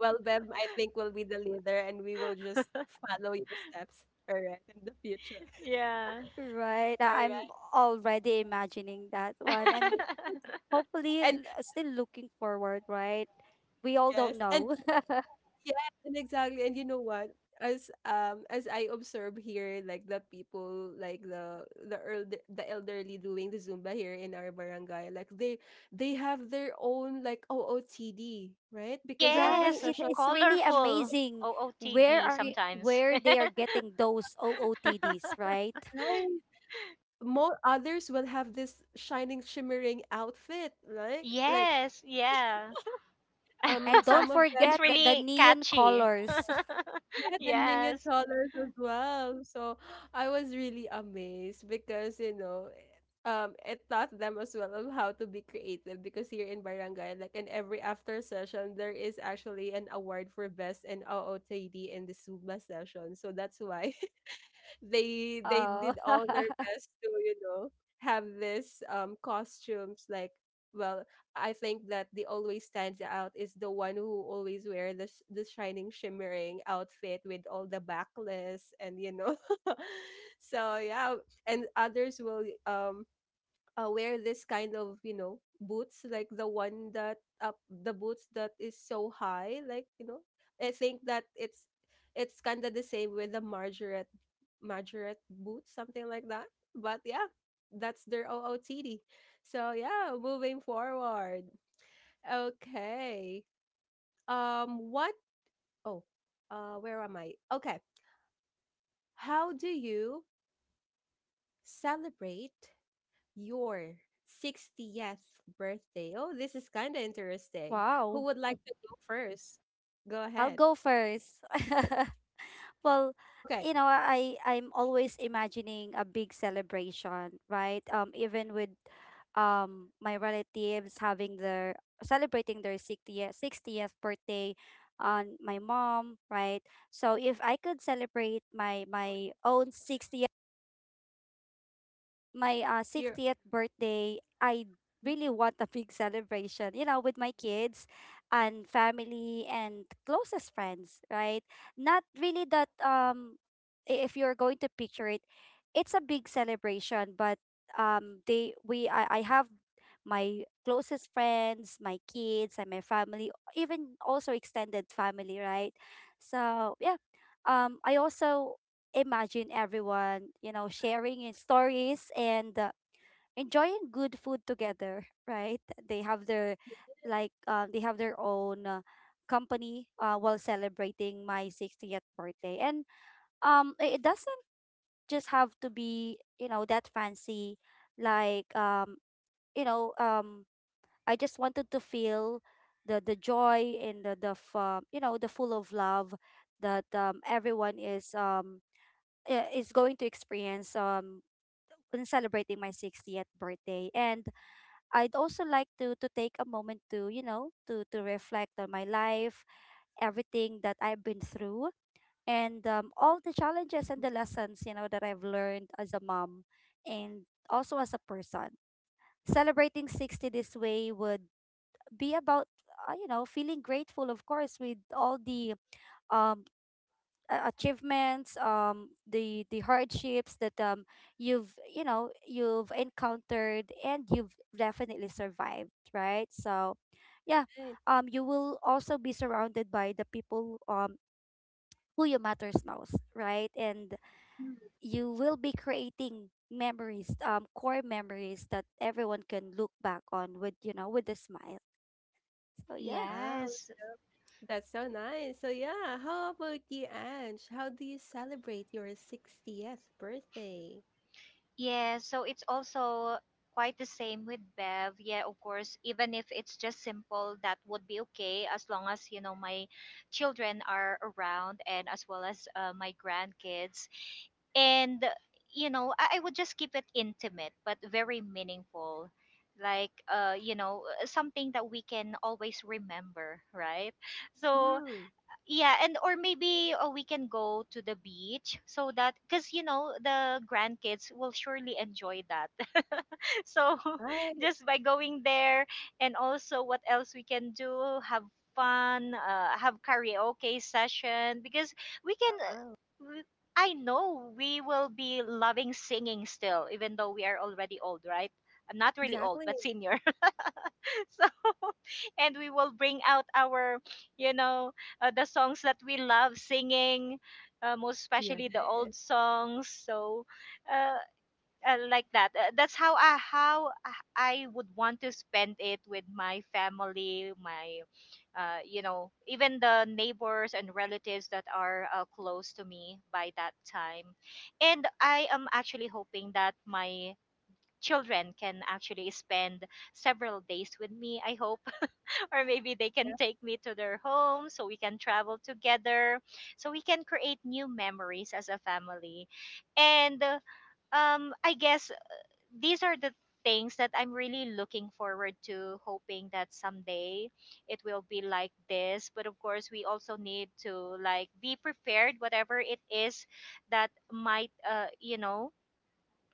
Well, Beb, I think will be the leader, and we will just follow your steps. All right, in the future. [laughs]
Yeah.
Right.
All
I'm
right,
already imagining that one.
[laughs]
And hopefully,
and
still looking forward, right? We all don't
yes, and
know. [laughs]
yeah, and exactly. And you know what? As I observe here, like the people, like the elder, the elderly doing the Zumba here in our barangay, like they have their own, like, OOTD, right? Because every
Right.
Yes.
It,
session,
it's really
Colorful.
amazing where
OOTD
are
sometimes.
where they are getting those OOTDs,
[laughs]
right?
right? More others will have this shining, shimmering outfit, like
Yes. Yeah.
And don't
some of
[laughs]
them.
It's
forget the
really
neon
catchy.
colors. [laughs]
Yeah,
[laughs]
the neon
Yes.
colors as well. So I was really amazed, because, you know, it taught them as well of how to be creative, because here in Barangay, like in every after session, there is actually an award for best in OOTD in the Suma session. So that's why they
Oh,
did all their
[laughs]
best to, you know, have this costumes, like, well, I think that the always stands out is the one who always wear the shining shimmering outfit with all the backless and, you know, [laughs] so yeah. And others will wear this kind of, you know, boots, like the boots that is so high, like, you know, I think that it's kind of the same with the margaret boots, something like that. But yeah, that's their OOTD. So yeah, moving forward. Okay, what oh where am I? Okay, how do you celebrate your 60th birthday? Oh, this is kind of interesting. Who
wow.
would like to go first? Go
I'll
ahead.
go first. [laughs] Well,
Okay,
I'm always imagining a big celebration, right? Even with my relatives having their celebrating their 60th 60th birthday on my mom, right? So if I could celebrate my own 60th, my
you're
60th birthday, I really want a big [laughs] celebration, with my kids and family and closest friends, right? Not really that. If you're going to picture it, it's a big celebration, but I have my closest friends, my kids and my family, even also extended family, right? So, yeah. I also imagine everyone, sharing in stories and enjoying good food together, [laughs] right? They have their they have their own, company, while celebrating my 60th birthday. And it doesn't just have to be, you know, that fancy. like um you know, um I just wanted to feel the joy, and the the full of love that everyone is, is going to experience, when celebrating my 60th birthday. And I'd also like to take a moment to you know to reflect on my life, everything that I've been through, and all the challenges and the lessons, that I've learned as a mom and also as a person. Celebrating 60 this way would be about, feeling grateful, of course, with all the um achievements, the hardships that, you've encountered, and you've definitely survived, right? So, yeah.
right.
You will also be surrounded by the people, who you matters most, right. And you will be creating memories, core memories that everyone can look back on with, with a smile. So, yeah.
Wow,
Yes.
that's so nice. So yeah, how about you, Ange? How do you celebrate your 60th birthday?
Yeah, so it's also quite the same with Bev. Yeah, of course, even if it's just simple, that would be okay as long as, you know, my children are around, and as well as my grandkids. And, you know, I would just keep it intimate but very meaningful. Like, you know, something that we can always remember, right? So
Mm-hmm.
yeah, and or maybe we can go to the beach, so that, because you know the grandkids will surely enjoy that [laughs] so
Right.
[laughs] just by going there. And also, what else we can do, have fun, have karaoke session, because we can
Wow.
I know we will be loving singing still even though we are already old, right? I'm not really old
Exactly.
but senior. [laughs] [laughs] So and we will bring out our, you know, the songs that we love singing, most
Yeah.
especially the old songs. So uh, like that, that's how I would want to spend it with my family, my you know, even the neighbors and relatives that are close to me by that time. And I am actually hoping that my children can actually spend several days with me, I hope, or maybe they can
Yeah.
take me to their home so we can travel together, so we can create new memories as a family. And I guess these are the things that I'm really looking forward to, hoping that someday it will be like this. But of course we also need to like be prepared whatever it is that might you know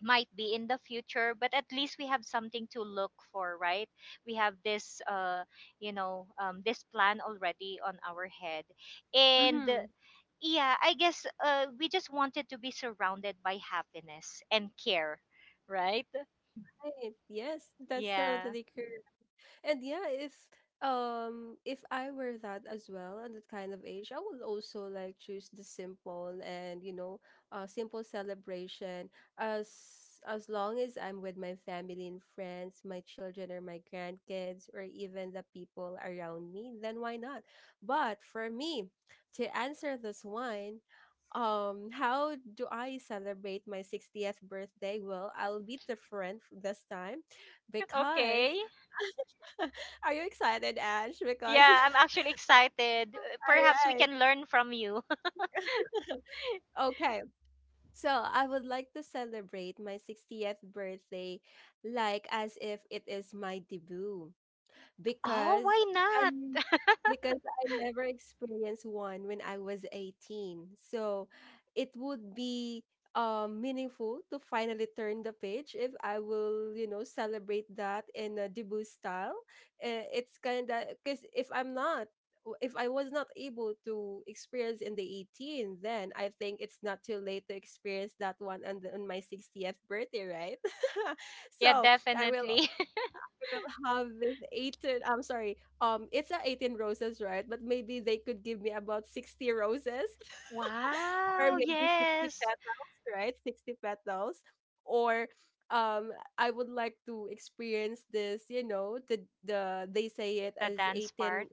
might be in the future, but at least we have something to look for, right? We have this you know, this plan already on our head. And
Mm-hmm.
yeah, I guess, we just wanted to be surrounded by happiness and care, right?
Right. Yes, that's
Yeah.
totally correct. And yeah, if I were that as well at that kind of age, I would also choose the simple and simple celebration as as long as I'm with my family and friends, my children or my grandkids or even the people around me, then why not? But for me, to answer this one, how do I celebrate my 60th birthday? Well, I'll be different this time
[laughs]
because
Okay.
[laughs] [laughs] are you excited, Ash? Because, [laughs]
Yeah, I'm
all
actually excited. Perhaps we
right.
can learn from you.
Okay. So I would like to celebrate my 60th birthday like as if it is my debut.
[laughs] Oh,
because
why not?
and because I never experienced one when I was 18. So it would be meaningful to finally turn the page if I will, you know, celebrate that in a debut style. It's kind of because if I was not able to experience in the 18, then I think it's not too late to experience that one on my 60th birthday, right? [laughs]
Yeah,
So I will
definitely.
will have this 18, I'm sorry, it's a 18 roses, right? But maybe they could give me about 60 roses,
[laughs]
[laughs] or
Wow,
maybe 60
yes.
petals, right? 60 petals. Or um I would like to experience this, you know, the they say it
The
as
dance
18,
part.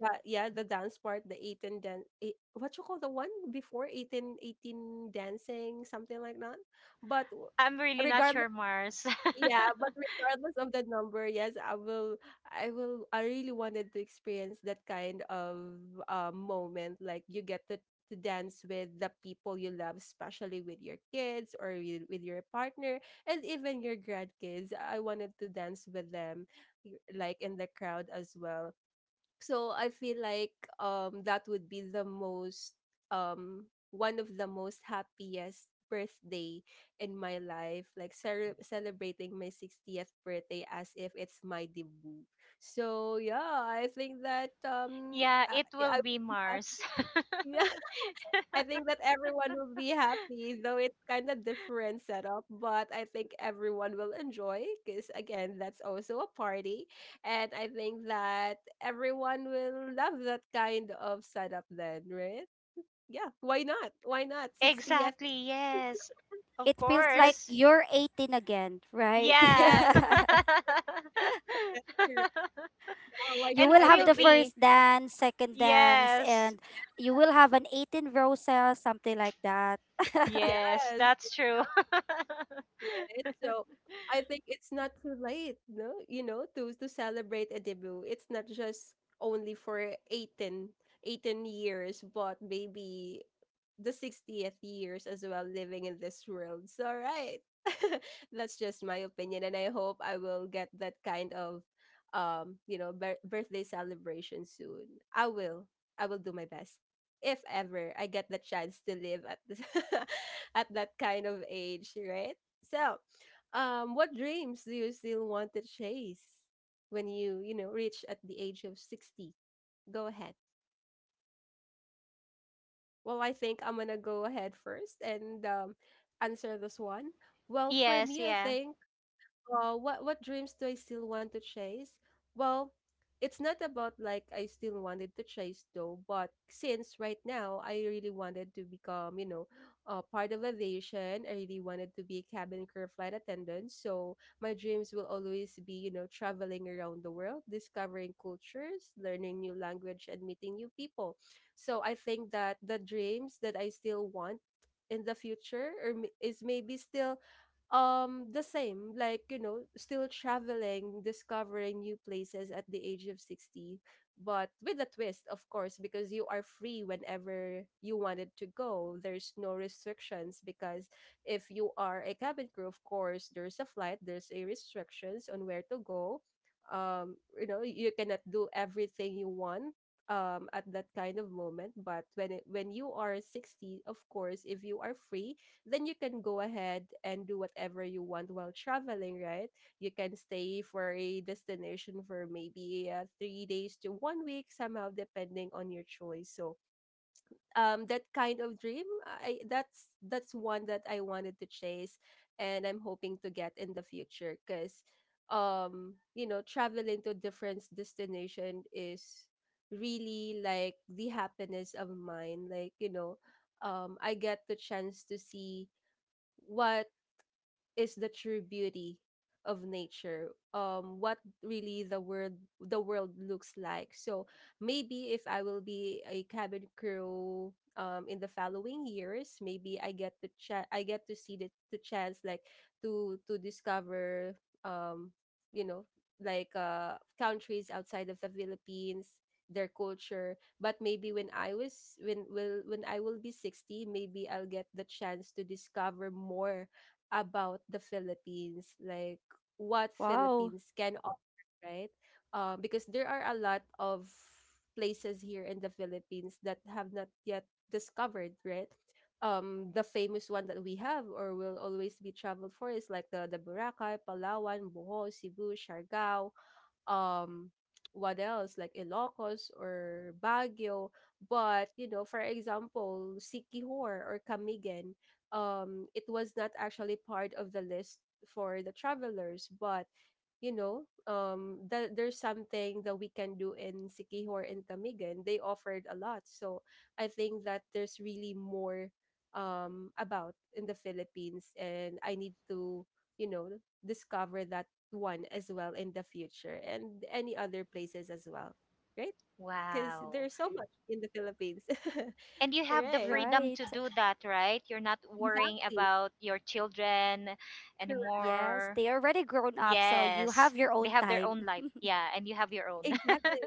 that, yeah, the dance part, the 18 dan eight, what you call, the one before 18, 18 dancing, something like that. but w-
I'm really not
Regardless,
sure, Mars. [laughs]
yeah, but regardless of the number, yes, I will I really wanted to experience that kind of moment, like you get to dance with the people you love, especially with your kids or with your partner and even your grandkids. I wanted to dance with them like in the crowd as well. So I feel like that would be the most one of the most happiest birthday in my life, like celebrating my 60th birthday as if it's my debut. So yeah, I think that
Yeah, it will
I
be
would be
Mars. [laughs]
happy. [laughs] I think that everyone will be happy, though it's kind of different setup, but I think everyone will enjoy because again, that's also a party, and I think that everyone will love that kind of setup then, right? Yeah, why not? Why not? 60th.
Exactly,
[laughs]
yes. Of
It feels like
This
course.
you're 18 again, right? [laughs]
yes,
Yeah.
that's correct. Yeah, why
[laughs]
You
And
not?
will
who
I
have
will
think
the
it's
be?
first dance, second dance,
Yes.
and you will have an 18 roses, something like that. [laughs]
Yes,
yes.
that's true.
Right?
[laughs]
So I think it's not too late, no? You know, to celebrate a debut. It's not just only for 18, 18 years, but maybe the 60th years as well living in this world. So right. [laughs] That's just my opinion and I hope I will get that kind of you know, birthday celebration soon. I will. I will do my best. If ever I get the chance to live at this, [laughs] at that kind of age, right? So, what dreams do you still want to chase when you know, reach at the age of 60? Go ahead. Well, I think I'm gonna go ahead first and answer this one. Well, for
Yes,
me, I
yeah.
think what dreams do I still want to chase? Well, it's not about like I still wanted to chase though, but since right now I really wanted to become, you know, part of aviation. I really wanted to be a cabin crew flight attendant. So my dreams will always be, you know, traveling around the world, discovering cultures, learning new language, and meeting new people. So I think that the dreams that I still want in the future is maybe still the same, like, you know, still traveling, discovering new places at the age of 60, but with a twist, of course, because you are free whenever you wanted to go. There's no restrictions because if you are a cabin crew, of course, there's a flight, there's a restrictions on where to go. You know, you cannot do everything you want at that kind of moment, but when you are 60, of course, if you are free, then you can go ahead and do whatever you want while traveling, right? You can stay for a destination for maybe 3 days to 1 week, somehow depending on your choice. So that kind of dream, I that's one that I wanted to chase, and I'm hoping to get in the future because you know, traveling to different destination is really like the happiness of mine, like, you know, I get the chance to see what is the true beauty of nature, what really the world looks like. So maybe if I will be a cabin crew in the following years, maybe I get to see the chance like to discover, um you know like countries outside of the Philippines, their culture, but maybe when I will be 60, maybe I'll get the chance to discover more about the Philippines, like what
Wow.
Philippines can offer, right? Because there are a lot of places here in the Philippines that have not yet discovered, right? The famous one that we have or will always be traveled for is like the Boracay, Palawan, Bohol, Cebu, Siargao, um what else, like Ilocos or Baguio, but you know, for example, Sikihor or Camigan, it was not actually part of the list for the travelers, but you know, that there's something that we can do in Sikihor and Camigan, they offered a lot. So I think that there's really more about in the Philippines, and I need to, you know, discover that one as well in the future, and any other places as well, right? Because
Wow.
there's so much in the Philippines. [laughs]
And you have the
Right.
freedom to
Right.
do that, right? You're not worrying
Exactly.
about your children
Correct.
Yes.
anymore.
They already grown up, so you
Yes.
have your
They
own
have their
time.
own life.
[laughs]
Yeah, and you have your own.
Exactly.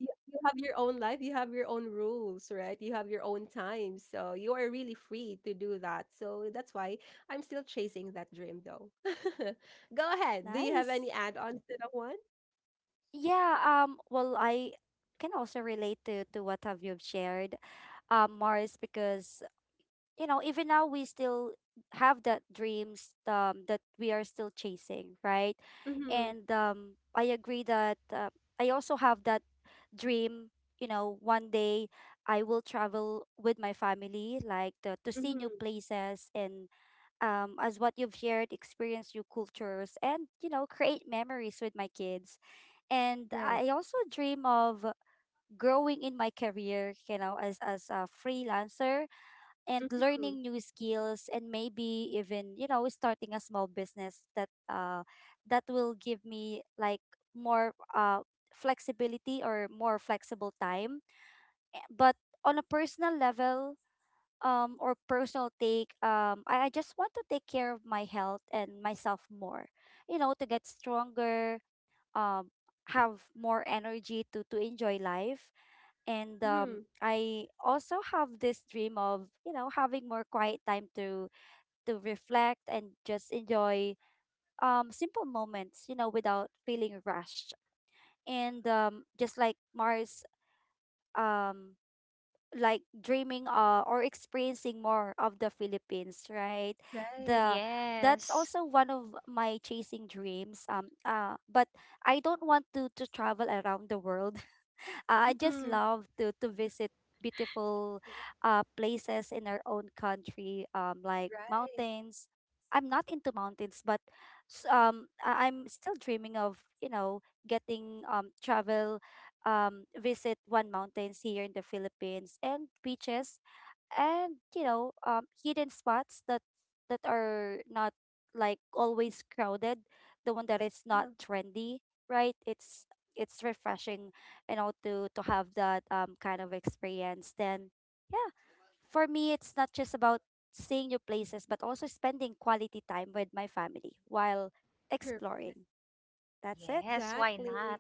You have your own life, you have your own rules, right? You have your own time. So you are really free to do that. So that's why I'm still chasing that dream though. [laughs] Go ahead. Do you have
Nice.
any add-ons to that one?
Yeah, well, I can also relate to what have you shared, Mars, because even now we still have that dreams, that we are still chasing, right.
Mm-hmm.
And I agree that, I also have that dream. One day I will travel with my family, like, to see new
Mm-hmm.
places, and, as what you've shared, experience new cultures and create memories with my kids. And
Right.
I also dream of growing in my career, as a freelancer, and
Mm-hmm.
learning new skills, and maybe even, starting a small business that will give me, like, more flexibility, or more flexible time. But on a personal level, or personal take, I just want to take care of my health and myself more, to get stronger, um have more energy to enjoy life. And,
Mm-hmm.
I also have this dream of, having more quiet time to reflect and just enjoy simple moments, without feeling rushed, and, just like Mars, um, dreaming, or experiencing more of the Philippines, right?
Right.
[laughs]
The That's
Yes.
also one of my chasing dreams. But I don't want to travel around the world. [laughs] I just
Mm-hmm.
love to visit beautiful places in our own country, like
Right.
mountains. I'm not into mountains, but I'm still dreaming of, getting, travel, visit one mountains here in the Philippines, and beaches, and, hidden spots, that are not, like, always crowded, the one that is not
Ah,
trendy, right. It's refreshing, to have that, kind of experience then. Yeah. For me, it's not just about seeing new places, but also spending quality time with my family while
correct.
exploring. That's it.
Yes, why
Exactly.
not?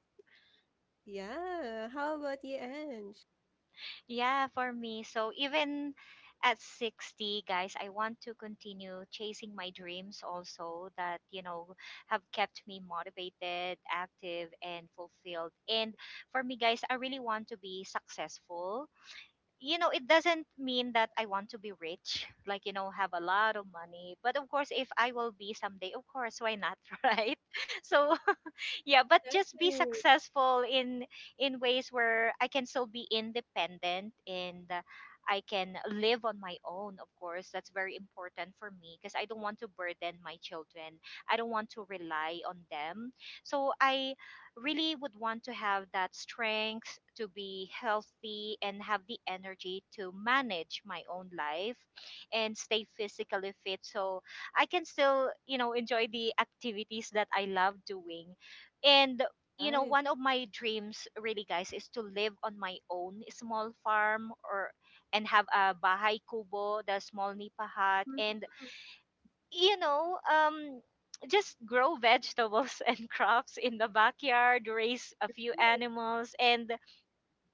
Yeah. How about you, Ange?
Yeah, for me. So even at 60, guys, I want to continue chasing my dreams also that, you know, have kept me motivated, active, and fulfilled. And for me, guys, I really want to be successful. You know, it doesn't mean that I want to be rich, like, you know, have a lot of money. But of course, if I will be someday, of course, why not, [laughs] right? So yeah, but just be
Exactly.
successful in ways where I can still be independent, and I can live on my own. Of course that's very important for me, because I don't want to burden my children, I don't want to rely on them. So I really would want to have that strength to be healthy and have the energy to manage my own life and stay physically fit, so I can still, you know, enjoy the activities that I love doing. And you know,
Right.
one of my dreams really, guys, is to live on my own small farm or and have a bahay kubo, the small nipa hut, and
Mhm.
you know, just grow vegetables [laughs] and crops in the backyard, raise a few animals, and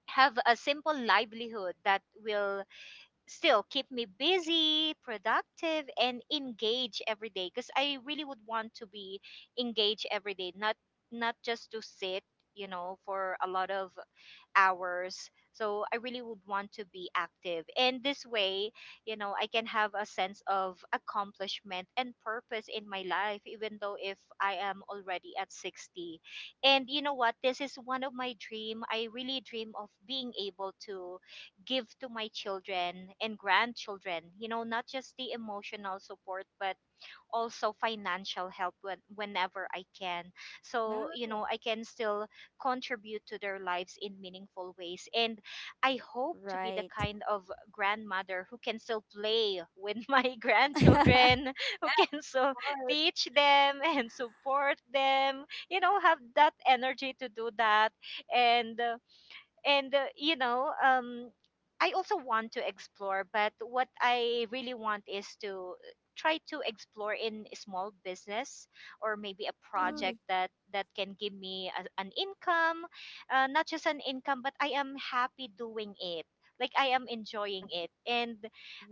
have a simple livelihood that will still keep me busy, productive, and engaged every day. Because I really would want to be engaged every day, not just to sit, you know, for a lot of hours. So I really would want to be active. And this way, you know, I can have a sense of accomplishment and purpose in my life, even though if I am already at 60. And you know what? This is one of my dream. I really dream of being able to give to my children and grandchildren, you know, not just the emotional support, but also financial help whenever I can. So,
Yeah.
you know, I can still contribute to their lives in meaningful ways. And I hope to be the
Right.
kind of grandmother who can still play with [laughs] my
[laughs] Mm-hmm.
grandchildren, who
Yeah,
can still
of course.
teach them and support them, you know, have that energy to do that. And uh, and you know, I also want to explore, but what I really want is to try to explore in a small business or maybe a
Mm.
project that that can give me a, an income, not just an income, but I am happy doing it, like I am enjoying
Right.
it. And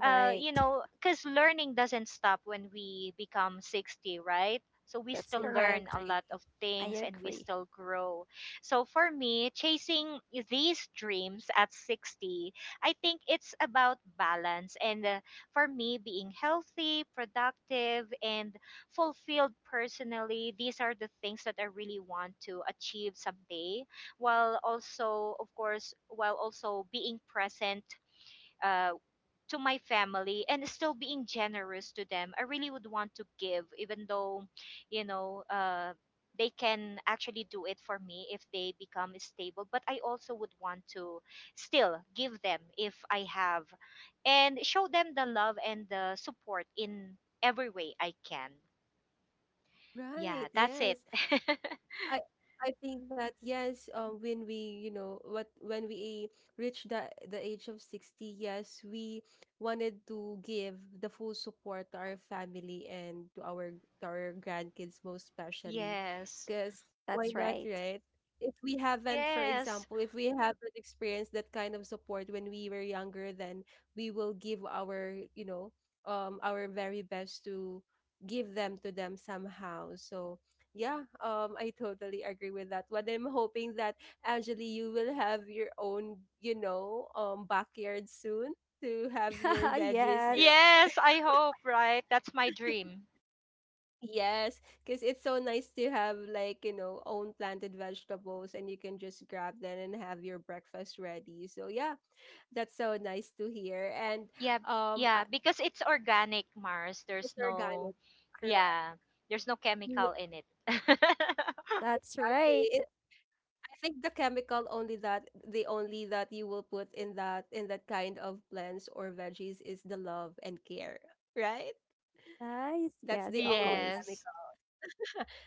Right.
you know, because learning doesn't stop when we become 60, right? So we
That's
Oh,
still
yeah, I
learn
correct.
a lot
agree.
of
I
things and we
agree.
still grow. So for me, chasing these dreams at 60, I think it's about balance. And for me, being healthy, productive, and fulfilled personally, these are the things that I really want to achieve someday, while also, of course, while also being present uh, to my family, and still being generous to them. I really would want to give, even though, you know, they can actually do it for me if they become stable. But I also would want to still give them if I have, and show them the love and the support in every way I can. Yeah,
Right.
that's it.
Yes. I I think that yes, when we, you know what, when we reach the age of 60, yes, we wanted to give the full support to our family and to our grandkids most
[laughs]
especially,
Yes.
because why
That's
not,
right.
right? If we haven't, for
Yes.
example, if we haven't experienced that kind of support when we were younger, then we will give our, you know, our very best to give them to them somehow. So yeah, I totally agree with that. But I'm hoping that Angeli, you will have your own, you know, backyard soon to have your
[laughs]
veggies grow.
Yes.
Yes, I hope, right? That's my dream.
Yes, because it's so nice to have like, you know, own planted vegetables and you can just grab them and have your breakfast ready. So yeah, that's so nice to hear. And
Yeah,
um, I,
yeah, because it's organic, Mars. There's
it's
no,
organic, correct?
yeah, there's no
N-
chemical in it. [laughs]
That's right.
Exactly. I think the chemical only that the only that you will put in that kind of plants or veggies is the love and care, right?
Nice.
That's
Yes,
the
of
only,
course.
Yes.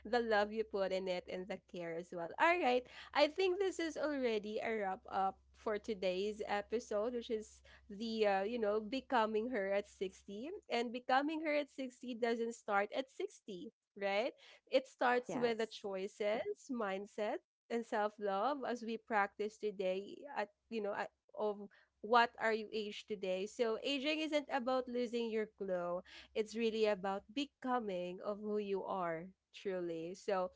the love you put in it and the care as well. All right. I think this is already a wrap up for today's episode, which is the, you know, becoming her at 60. And becoming her at 60 doesn't start at 60, right? It starts with the
Yes.
choices, mindset, and self love as we practice today at, you know, at, of what are you age today. So aging isn't about losing your glow, it's really about becoming of who you are truly. So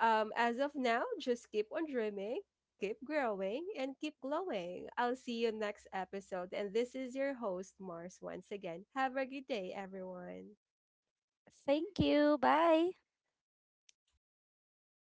as of now, just keep on dreaming, keep growing, and keep glowing. I'll see you next episode, and this is your host Mars once again. Have a good day everyone.
Thank you. Bye.